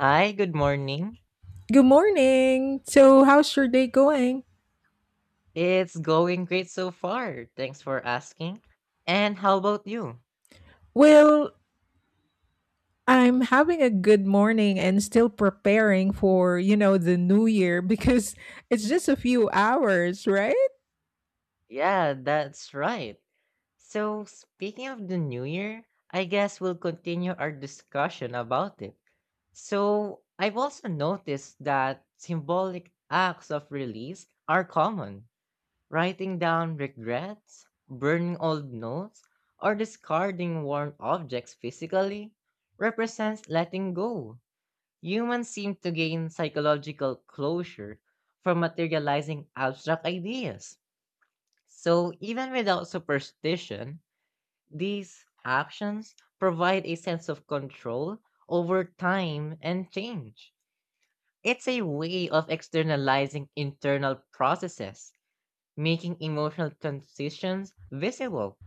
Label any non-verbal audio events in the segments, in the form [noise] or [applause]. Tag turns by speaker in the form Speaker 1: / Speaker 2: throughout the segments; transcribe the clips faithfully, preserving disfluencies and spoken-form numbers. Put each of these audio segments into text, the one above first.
Speaker 1: Hi, good morning.
Speaker 2: Good morning. So, how's your day going?
Speaker 1: It's going great so far. Thanks for asking. And how about you?
Speaker 2: Well, I'm having a good morning and still preparing for, you know, the new year [laughs] because it's just a few hours, right?
Speaker 1: Yeah, that's right. So, speaking of the new year, I guess we'll continue our discussion about it. So, I've also noticed that symbolic acts of release are common. Writing down regrets, burning old notes, or discarding worn objects physically represents letting go. Humans seem to gain psychological closure from materializing abstract ideas. So, even without superstition, these actions provide a sense of control over time and change. It's a way of externalizing internal processes, making emotional transitions visible.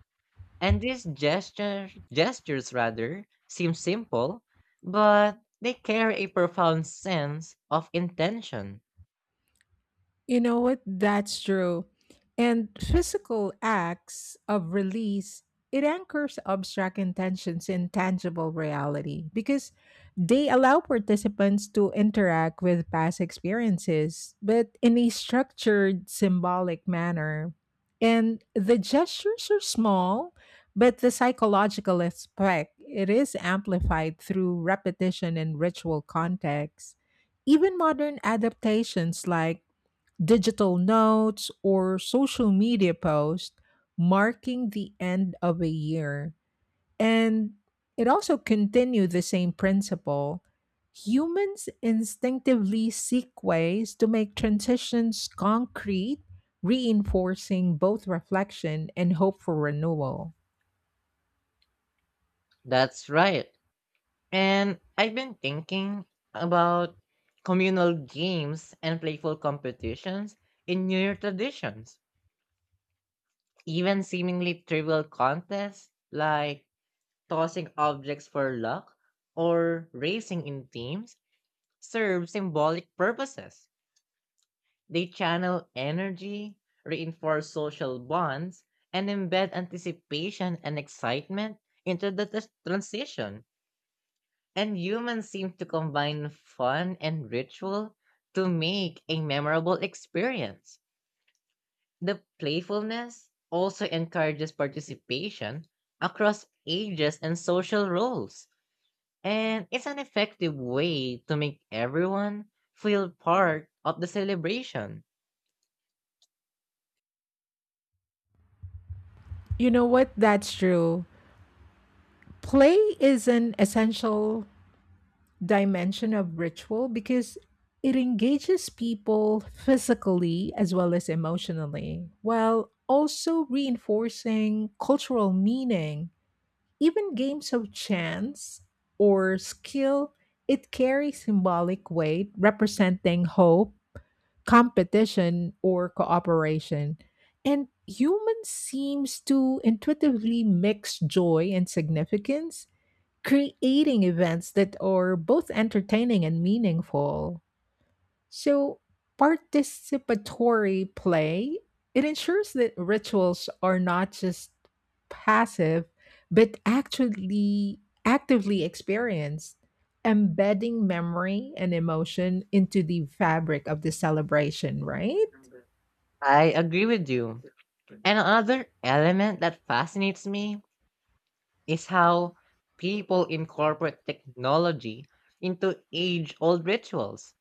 Speaker 1: And these gesture, gestures rather seem simple, but they carry a profound sense of intention.
Speaker 2: You know what? That's true. And physical acts of release, it anchors abstract intentions in tangible reality because they allow participants to interact with past experiences, but in a structured, symbolic manner. And the gestures are small, but the psychological aspect, it is amplified through repetition and ritual context. Even modern adaptations like digital notes, or social media posts marking the end of a year. And it also continued the same principle. Humans instinctively seek ways to make transitions concrete, reinforcing both reflection and hope for renewal.
Speaker 1: That's right. And I've been thinking about communal games and playful competitions in New Year traditions. Even seemingly trivial contests like tossing objects for luck or racing in teams serve symbolic purposes. They channel energy, reinforce social bonds, and embed anticipation and excitement into the tras- transition. And humans seem to combine fun and ritual to make a memorable experience. The playfulness also encourages participation across ages and social roles, and it's an effective way to make everyone feel part of the celebration.
Speaker 2: You know what? That's true. Play is an essential dimension of ritual because it engages people physically as well as emotionally, while also reinforcing cultural meaning. Even games of chance or skill, it carries symbolic weight representing hope, competition, or cooperation. And humans seems to intuitively mix joy and significance, creating events that are both entertaining and meaningful. So, participatory play, it ensures that rituals are not just passive, but actually actively experienced, embedding memory and emotion into the fabric of the celebration, right?
Speaker 1: I agree with you. And another element that fascinates me is how people incorporate technology into age old rituals,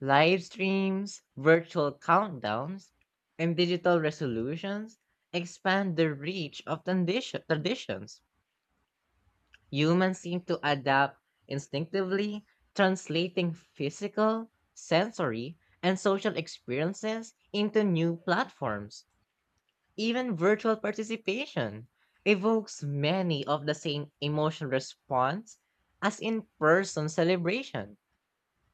Speaker 1: live streams, virtual countdowns, and digital resolutions expand the reach of tradition- traditions. Humans seem to adapt instinctively, translating physical, sensory, and social experiences into new platforms. Even virtual participation evokes many of the same emotional response as in person celebration.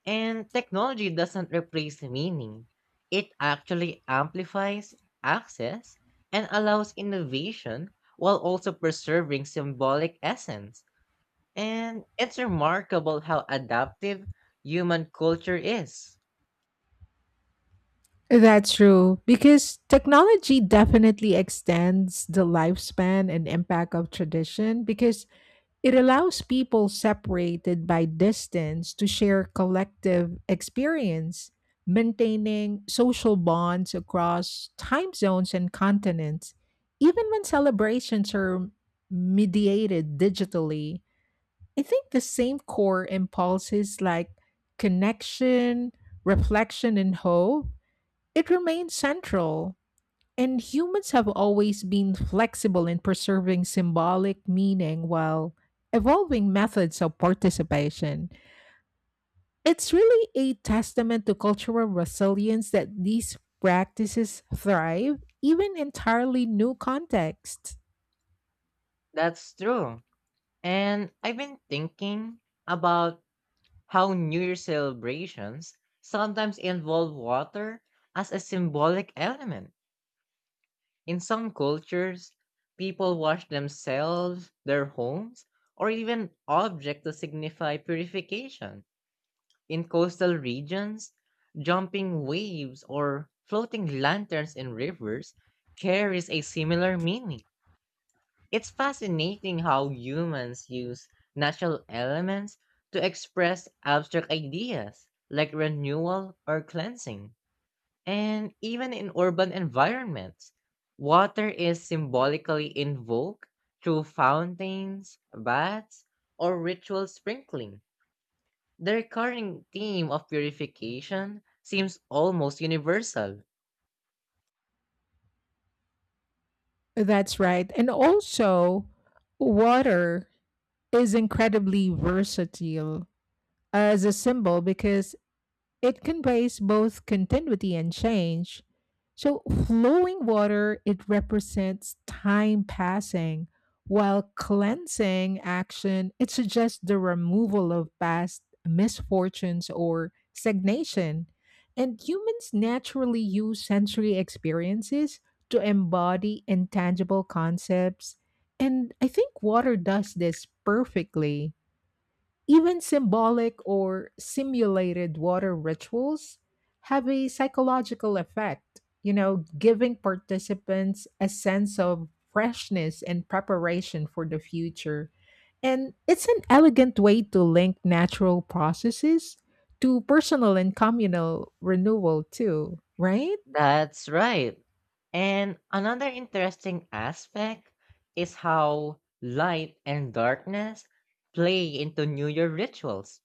Speaker 1: And technology doesn't replace meaning, it actually amplifies access and allows innovation while also preserving symbolic essence. And it's remarkable how adaptive human culture is.
Speaker 2: That's true, because technology definitely extends the lifespan and impact of tradition because it allows people separated by distance to share collective experience, maintaining social bonds across time zones and continents. Even when celebrations are mediated digitally, I think the same core impulses like connection, reflection, and hope, it remains central, and humans have always been flexible in preserving symbolic meaning while evolving methods of participation. It's really a testament to cultural resilience that these practices thrive, even entirely new contexts.
Speaker 1: That's true. And I've been thinking about how New Year celebrations sometimes involve water as a symbolic element. In some cultures, people wash themselves, their homes, or even objects to signify purification. In coastal regions, jumping waves or floating lanterns in rivers carries a similar meaning. It's fascinating how humans use natural elements to express abstract ideas like renewal or cleansing. And even in urban environments, water is symbolically invoked through fountains, baths, or ritual sprinkling. The recurring theme of purification seems almost universal.
Speaker 2: That's right. And also, water is incredibly versatile as a symbol because it conveys both continuity and change. So, flowing water, it represents time passing, while cleansing action, it suggests the removal of past misfortunes or stagnation. And humans naturally use sensory experiences to embody intangible concepts. And I think water does this perfectly. Even symbolic or simulated water rituals have a psychological effect, you know, giving participants a sense of freshness and preparation for the future. And it's an elegant way to link natural processes to personal and communal renewal, too, right?
Speaker 1: That's right. And another interesting aspect is how light and darkness play into New Year rituals.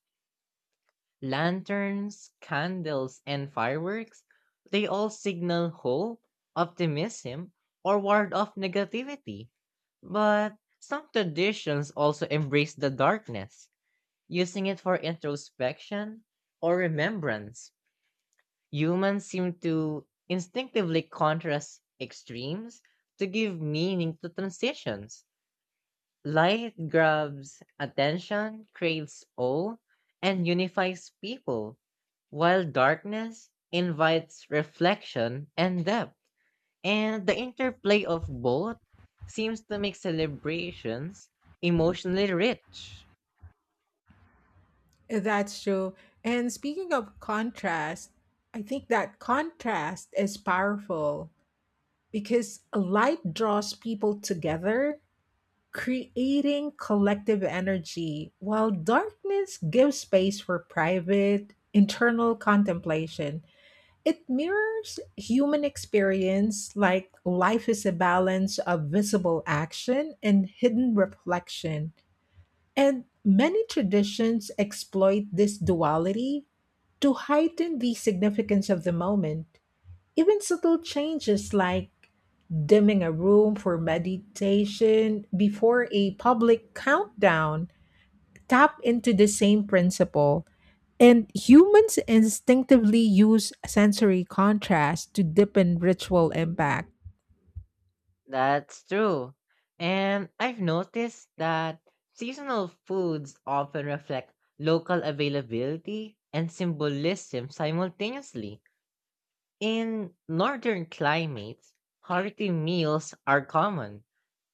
Speaker 1: Lanterns, candles, and fireworks, they all signal hope, optimism, or ward off negativity. But some traditions also embrace the darkness, using it for introspection or remembrance. Humans seem to instinctively contrast extremes to give meaning to transitions. Light grabs attention, creates awe, and unifies people, while darkness invites reflection and depth. And the interplay of both seems to make celebrations emotionally rich.
Speaker 2: That's true. And speaking of contrast, I think that contrast is powerful, because light draws people together, creating collective energy, while darkness gives space for private, internal contemplation. It mirrors human experience, like life is a balance of visible action and hidden reflection. And many traditions exploit this duality to heighten the significance of the moment. Even subtle changes like dimming a room for meditation before a public countdown tap into the same principle. And humans instinctively use sensory contrast to deepen ritual impact.
Speaker 1: That's true. And I've noticed that seasonal foods often reflect local availability and symbolism simultaneously. In northern climates, hearty meals are common,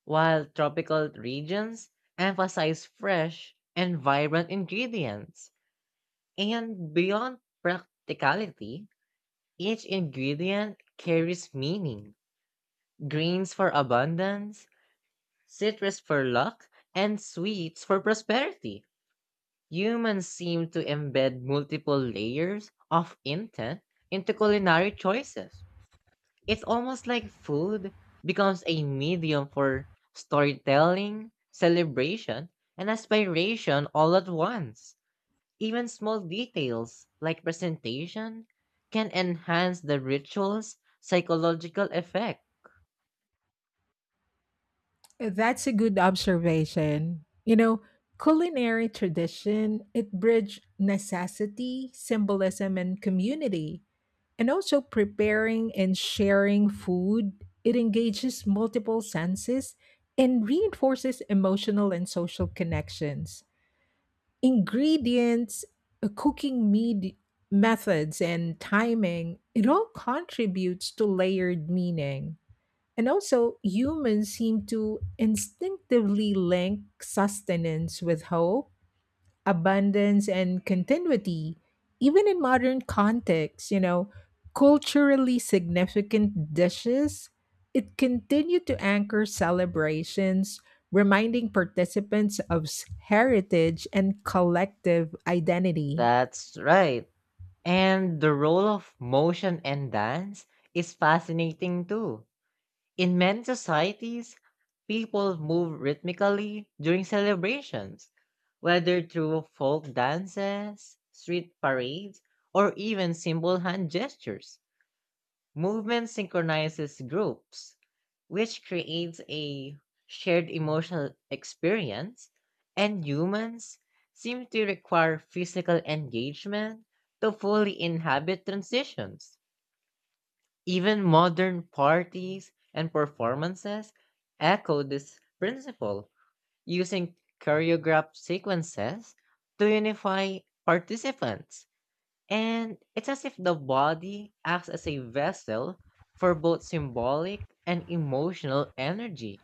Speaker 1: while tropical regions emphasize fresh and vibrant ingredients. And beyond practicality, each ingredient carries meaning. Greens for abundance, citrus for luck, and sweets for prosperity. Humans seem to embed multiple layers of intent into culinary choices. It's almost like food becomes a medium for storytelling, celebration, and aspiration all at once. Even small details like presentation can enhance the ritual's psychological effect.
Speaker 2: That's a good observation. You know, culinary tradition, it bridged necessity, symbolism, and community. And also preparing and sharing food, it engages multiple senses and reinforces emotional and social connections. Ingredients, uh, cooking med- methods, and timing, it all contributes to layered meaning. And also, humans seem to instinctively link sustenance with hope, abundance, and continuity. Even in modern contexts, you know culturally significant dishes, it continued to anchor celebrations, reminding participants of s- heritage and collective identity.
Speaker 1: That's right. And the role of motion and dance is fascinating too. In many societies, people move rhythmically during celebrations, whether through folk dances, street parades, or even simple hand gestures. Movement synchronizes groups, which creates a shared emotional experience, and humans seem to require physical engagement to fully inhabit transitions. Even modern parties and performances echo this principle, using choreographed sequences to unify participants. And it's as if the body acts as a vessel for both symbolic and emotional energy.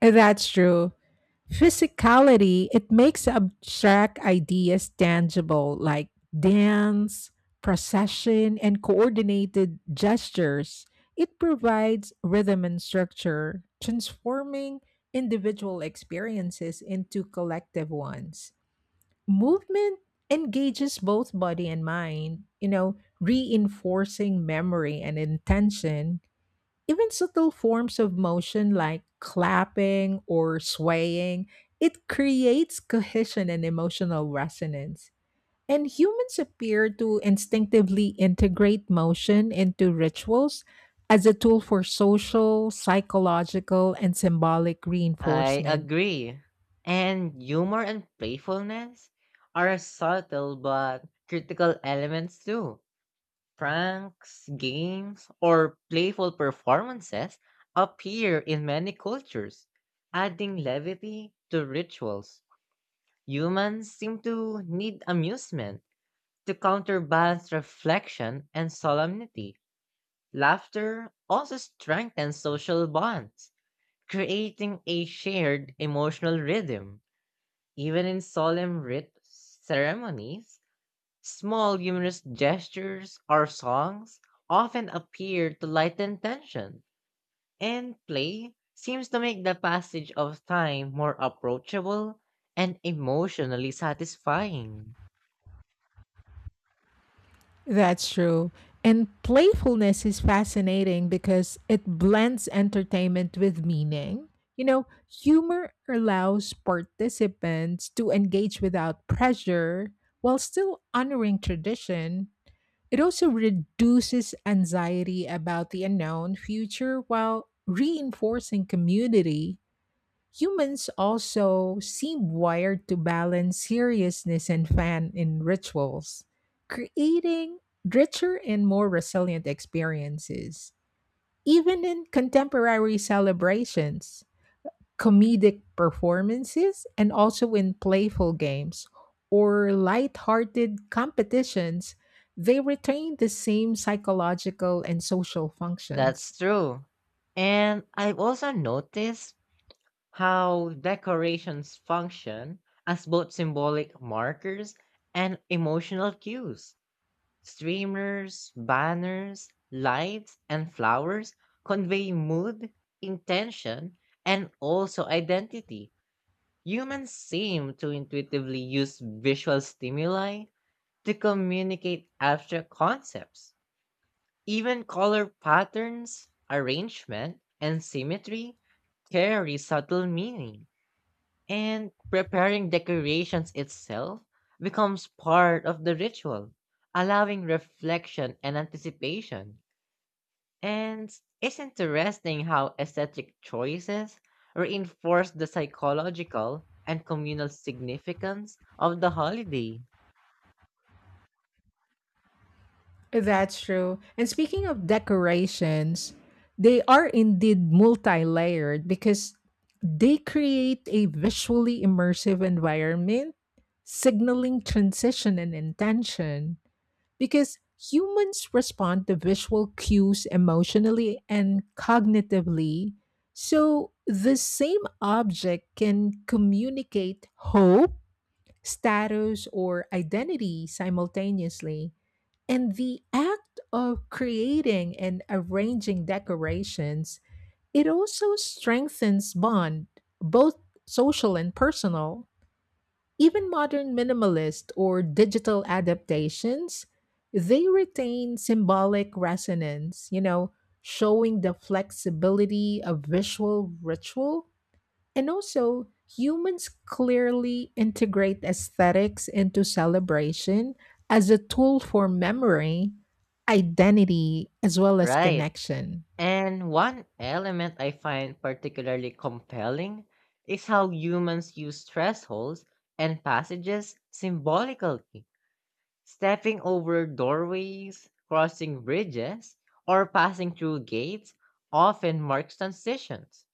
Speaker 2: That's true. Physicality, it makes abstract ideas tangible, like dance, procession, and coordinated gestures. It provides rhythm and structure, transforming individual experiences into collective ones. Movement engages both body and mind, you know, reinforcing memory and intention. Even subtle forms of motion like clapping or swaying, it creates cohesion and emotional resonance. And humans appear to instinctively integrate motion into rituals as a tool for social, psychological, and symbolic
Speaker 1: I
Speaker 2: reinforcement.
Speaker 1: agree. And humor and playfulness are subtle but critical elements too. Pranks, games, or playful performances appear in many cultures, adding levity to rituals. Humans seem to need amusement to counterbalance reflection and solemnity. Laughter also strengthens social bonds, creating a shared emotional rhythm. Even in solemn rit- ceremonies, small humorous gestures or songs often appear to lighten tension, and play seems to make the passage of time more approachable and emotionally satisfying.
Speaker 2: That's true. And playfulness is fascinating because it blends entertainment with meaning. You know, humor allows participants to engage without pressure while still honoring tradition. It also reduces anxiety about the unknown future while reinforcing community. Humans also seem wired to balance seriousness and fun in rituals, creating richer and more resilient experiences. Even in contemporary celebrations, comedic performances, and also in playful games or light-hearted competitions, they retain the same psychological and social functions.
Speaker 1: That's true. And I've also noticed how decorations function as both symbolic markers and emotional cues. Streamers, banners, lights, and flowers convey mood, intention, and also identity. Humans seem to intuitively use visual stimuli to communicate abstract concepts. Even color patterns, arrangement, and symmetry carry subtle meaning, and preparing decorations itself becomes part of the ritual, allowing reflection and anticipation. And it's interesting how aesthetic choices reinforce the psychological and communal significance of the holiday.
Speaker 2: That's true. And speaking of decorations, they are indeed multi layered because they create a visually immersive environment, signaling transition and intention. Because humans respond to visual cues emotionally and cognitively. So the same object can communicate hope, status, or identity simultaneously. And the act of creating and arranging decorations, it also strengthens bond, both social and personal. Even modern minimalist or digital adaptations, they retain symbolic resonance, you know, showing the flexibility of visual ritual. And also, humans clearly integrate aesthetics into celebration as a tool for memory, identity, as well as
Speaker 1: Right.
Speaker 2: connection.
Speaker 1: And one element I find particularly compelling is how humans use thresholds and passages symbolically, stepping over doorways, crossing bridges, or passing through gates often marks transitions.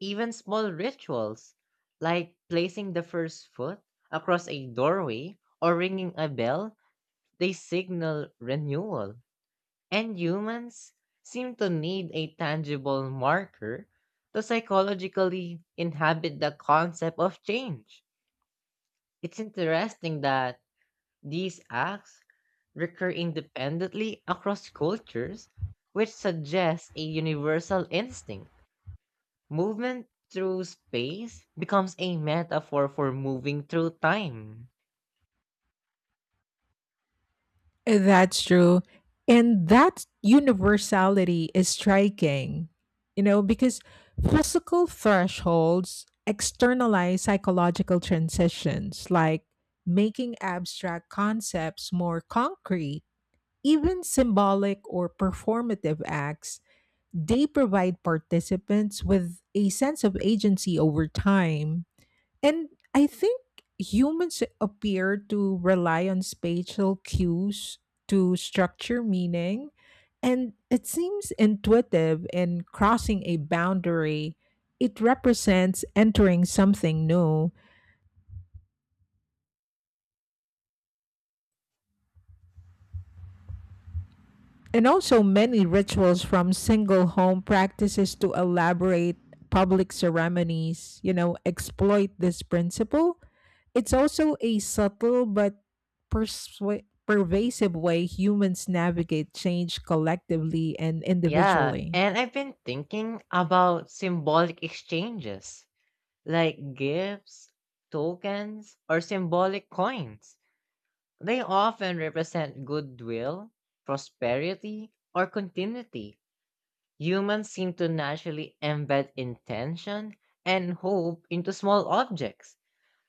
Speaker 1: Even small rituals, like placing the first foot across a doorway or ringing a bell, they signal renewal. And humans seem to need a tangible marker to psychologically inhabit the concept of change. It's interesting that these acts recur independently across cultures, which suggests a universal instinct. Movement through space becomes a metaphor for moving through time.
Speaker 2: That's true. And that universality is striking, you know, because physical thresholds externalize psychological transitions, like making abstract concepts more concrete. Even symbolic or performative acts, they provide participants with a sense of agency over time. And I think humans appear to rely on spatial cues to structure meaning. And it seems intuitive, in crossing a boundary, it represents entering something new. And also, many rituals, from single home practices to elaborate public ceremonies, you know, exploit this principle. It's also a subtle but persua- pervasive way humans navigate change collectively and
Speaker 1: Yeah,
Speaker 2: individually.
Speaker 1: and I've been thinking about symbolic exchanges like gifts, tokens, or symbolic coins. They often represent goodwill, prosperity, or continuity. Humans seem to naturally embed intention and hope into small objects,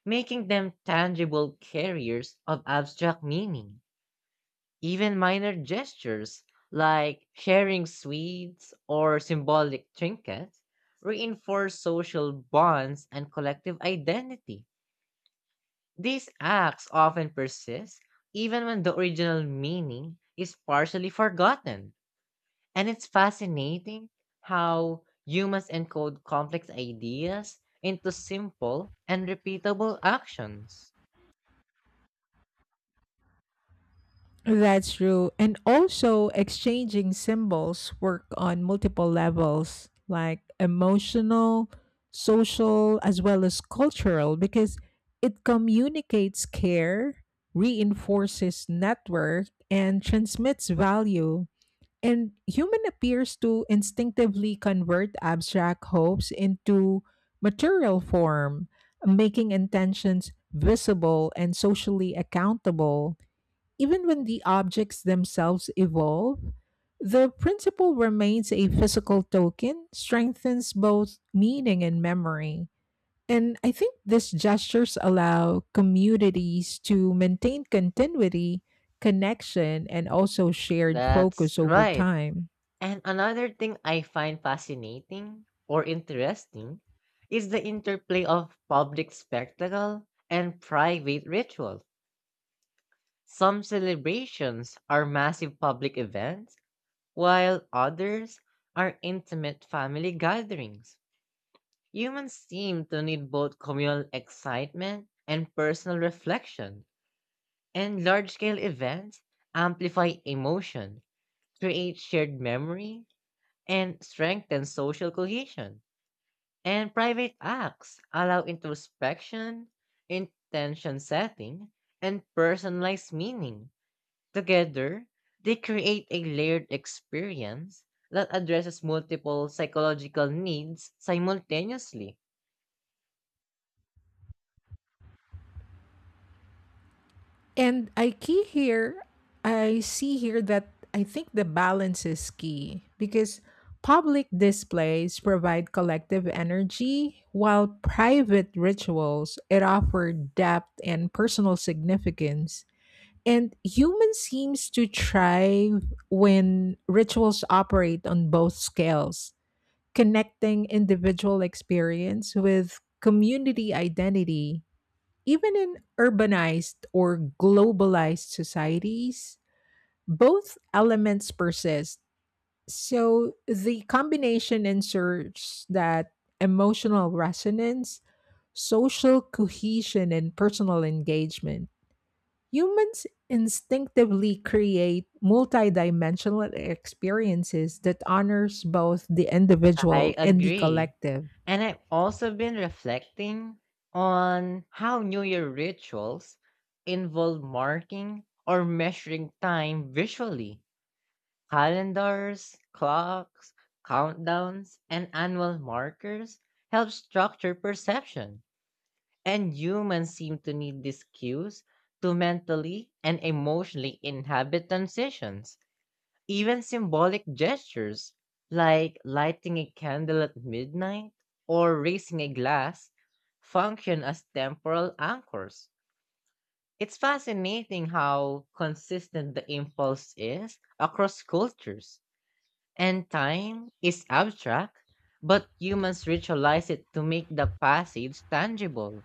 Speaker 1: making them tangible carriers of abstract meaning. Even minor gestures, like sharing sweets or symbolic trinkets, reinforce social bonds and collective identity. These acts often persist even when the original meaning is partially forgotten. And it's fascinating how humans encode complex ideas into simple and repeatable actions.
Speaker 2: That's true. And also, exchanging symbols work on multiple levels, like emotional, social, as well as cultural, because it communicates care, reinforces network, and transmits value. And human appears to instinctively convert abstract hopes into material form, making intentions visible and socially accountable. Even when the objects themselves evolve, the principle remains: a physical token strengthens both meaning and memory. And I think these gestures allow communities to maintain continuity, connection, and also shared
Speaker 1: That's
Speaker 2: focus over
Speaker 1: right.
Speaker 2: time.
Speaker 1: And another thing I find fascinating or interesting is the interplay of public spectacle and private ritual. Some celebrations are massive public events while others are intimate family gatherings. Humans seem to need both communal excitement and personal reflection, and large scale events amplify emotion, create shared memory, and strengthen social cohesion. And private acts allow introspection, intention setting, and personalized meaning. Together, they create a layered experience that addresses multiple psychological needs simultaneously.
Speaker 2: And I key here, I see here that I think the balance is key, because public displays provide collective energy, while private rituals, it offer depth and personal significance. And human seems to thrive when rituals operate on both scales, connecting individual experience with community identity. Even in urbanized or globalized societies, both elements persist. So the combination ensures that emotional resonance, social cohesion, and personal engagement. Humans instinctively create multidimensional experiences that honors both the
Speaker 1: I
Speaker 2: individual and the
Speaker 1: agree.
Speaker 2: collective.
Speaker 1: And I've also been reflecting on how New Year rituals involve marking or measuring time visually. Calendars, clocks, countdowns, and annual markers help structure perception. And humans seem to need these cues to mentally and emotionally inhabit transitions, even symbolic gestures like lighting a candle at midnight or raising a glass function as temporal anchors. It's fascinating how consistent the impulse is across cultures. And time is abstract, but humans ritualize it to make the passage tangible.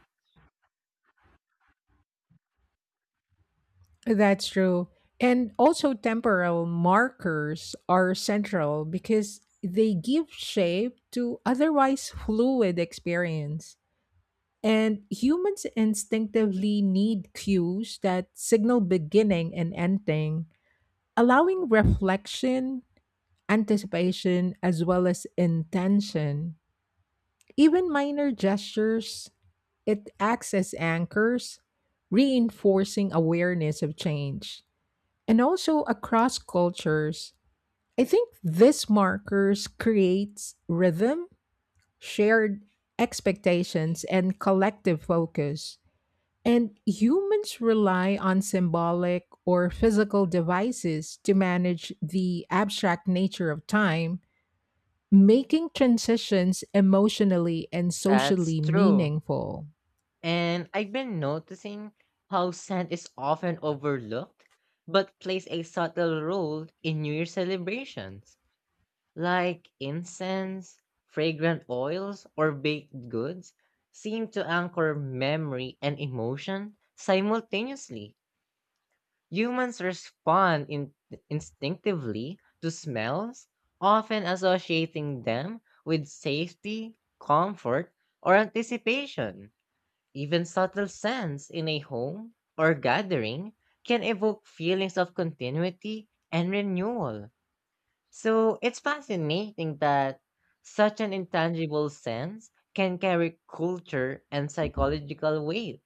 Speaker 2: That's true. And also, temporal markers are central because they give shape to otherwise fluid experience. And humans instinctively need cues that signal beginning and ending, allowing reflection, anticipation, as well as intention. Even minor gestures, it acts as anchors, reinforcing awareness of change. And also, across cultures, I think these markers creates rhythm, shared expectations, and collective focus. And humans rely on symbolic or physical devices to manage the abstract nature of time, making transitions emotionally and
Speaker 1: That's
Speaker 2: socially
Speaker 1: true.
Speaker 2: meaningful.
Speaker 1: And I've been noticing how scent is often overlooked, but plays a subtle role in New Year celebrations, like incense, fragrant oils, or baked goods seem to anchor memory and emotion simultaneously. Humans respond in- instinctively to smells, often associating them with safety, comfort, or anticipation. Even subtle scents in a home or gathering can evoke feelings of continuity and renewal. So it's fascinating that such an intangible sense can carry culture and psychological weight.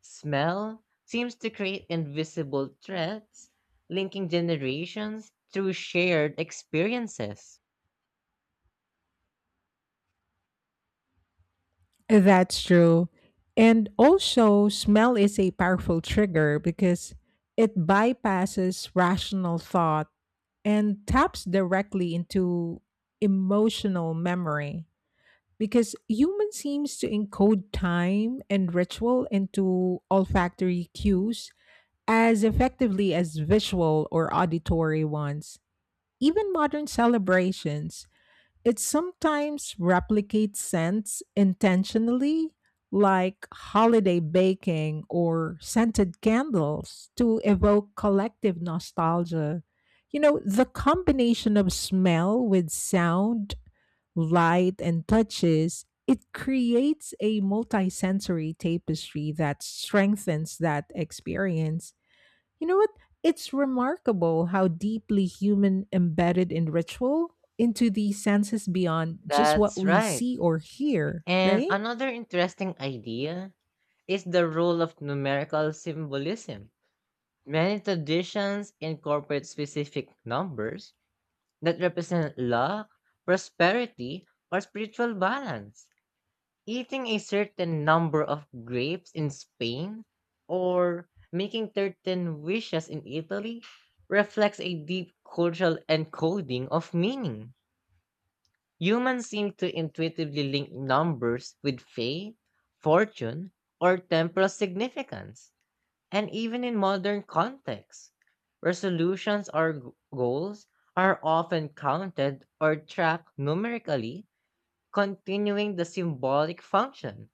Speaker 1: Smell seems to create invisible threads linking generations through shared experiences.
Speaker 2: That's true. And also, smell is a powerful trigger because it bypasses rational thought and taps directly into emotional memory. Because human seems to encode time and ritual into olfactory cues as effectively as visual or auditory ones. Even modern celebrations, it sometimes replicates scents intentionally, like holiday baking or scented candles, to evoke collective nostalgia. You know, the combination of smell with sound, light, and touches, it creates a multisensory tapestry that strengthens that experience. You know what? It's remarkable how deeply human embedded in ritual into the senses beyond just what
Speaker 1: That's
Speaker 2: we
Speaker 1: right.
Speaker 2: see or hear,
Speaker 1: And
Speaker 2: right?
Speaker 1: another interesting idea is the role of numerical symbolism. Many traditions incorporate specific numbers that represent luck, prosperity, or spiritual balance. Eating a certain number of grapes in Spain or making certain wishes in Italy reflects a deep cultural encoding of meaning. Humans seem to intuitively link numbers with fate, fortune, or temporal significance. And even in modern contexts, resolutions or g- goals are often counted or tracked numerically, continuing the symbolic function.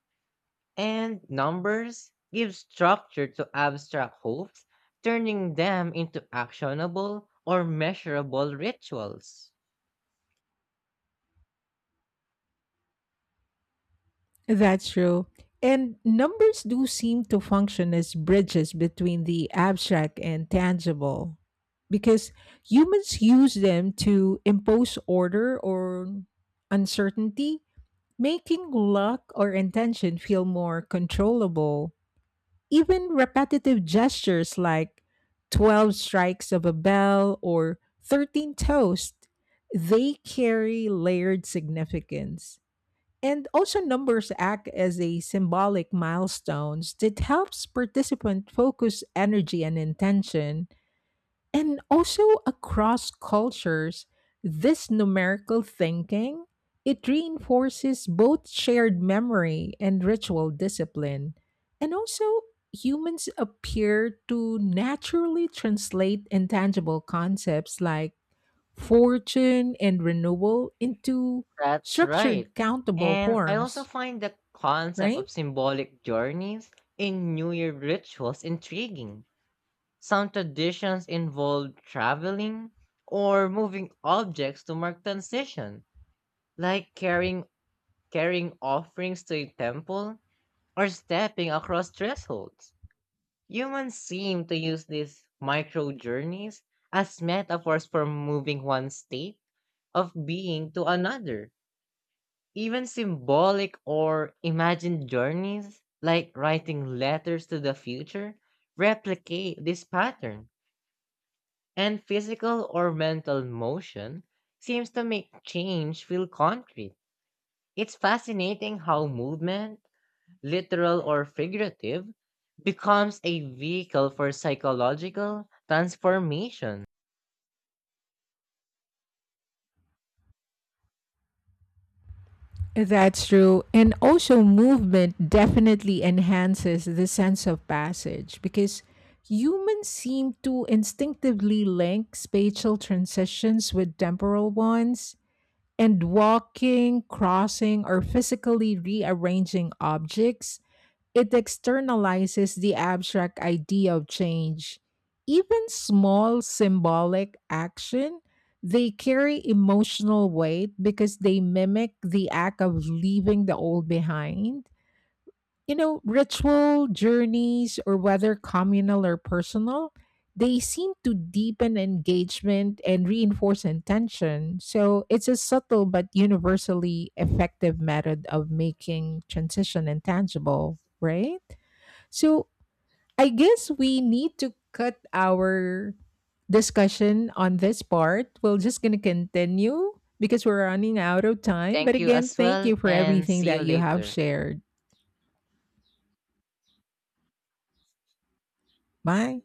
Speaker 1: And numbers give structure to abstract hopes, turning them into actionable or measurable rituals.
Speaker 2: That's true. And numbers do seem to function as bridges between the abstract and tangible, because humans use them to impose order or uncertainty, making luck or intention feel more controllable. Even repetitive gestures like twelve strikes of a bell or thirteen toast, they carry layered significance. And also, numbers act as a symbolic milestones that helps participant focus energy and intention. And also, across cultures, this numerical thinking, it reinforces both shared memory and ritual discipline. And also, humans appear to naturally translate intangible concepts like fortune and renewal into
Speaker 1: That's right.
Speaker 2: structured countable
Speaker 1: And I also
Speaker 2: forms,
Speaker 1: find the concept
Speaker 2: right?
Speaker 1: of symbolic journeys in New Year rituals intriguing. Some traditions involve traveling or moving objects to mark transition, like carrying carrying offerings to a temple or stepping across thresholds. Humans seem to use these micro journeys as metaphors for moving one state of being to another. Even symbolic or imagined journeys, like writing letters to the future, replicate this pattern. And physical or mental motion seems to make change feel concrete. It's fascinating how movement, literal or figurative, becomes a vehicle for psychological transformation.
Speaker 2: That's true. And also, movement definitely enhances the sense of passage because humans seem to instinctively link spatial transitions with temporal ones. And walking, crossing, or physically rearranging objects, it externalizes the abstract idea of change. Even small symbolic action, they carry emotional weight because they mimic the act of leaving the old behind. You know, ritual journeys, or whether communal or personal, they seem to deepen engagement and reinforce intention. So it's a subtle but universally effective method of making transition intangible, right? So I guess we need to cut our discussion on this part. We're just going to continue because we're running out of time. But
Speaker 1: Thank you
Speaker 2: again,
Speaker 1: as
Speaker 2: thank
Speaker 1: well,
Speaker 2: you for
Speaker 1: and
Speaker 2: everything
Speaker 1: see you
Speaker 2: that you have
Speaker 1: later.
Speaker 2: shared. Bye.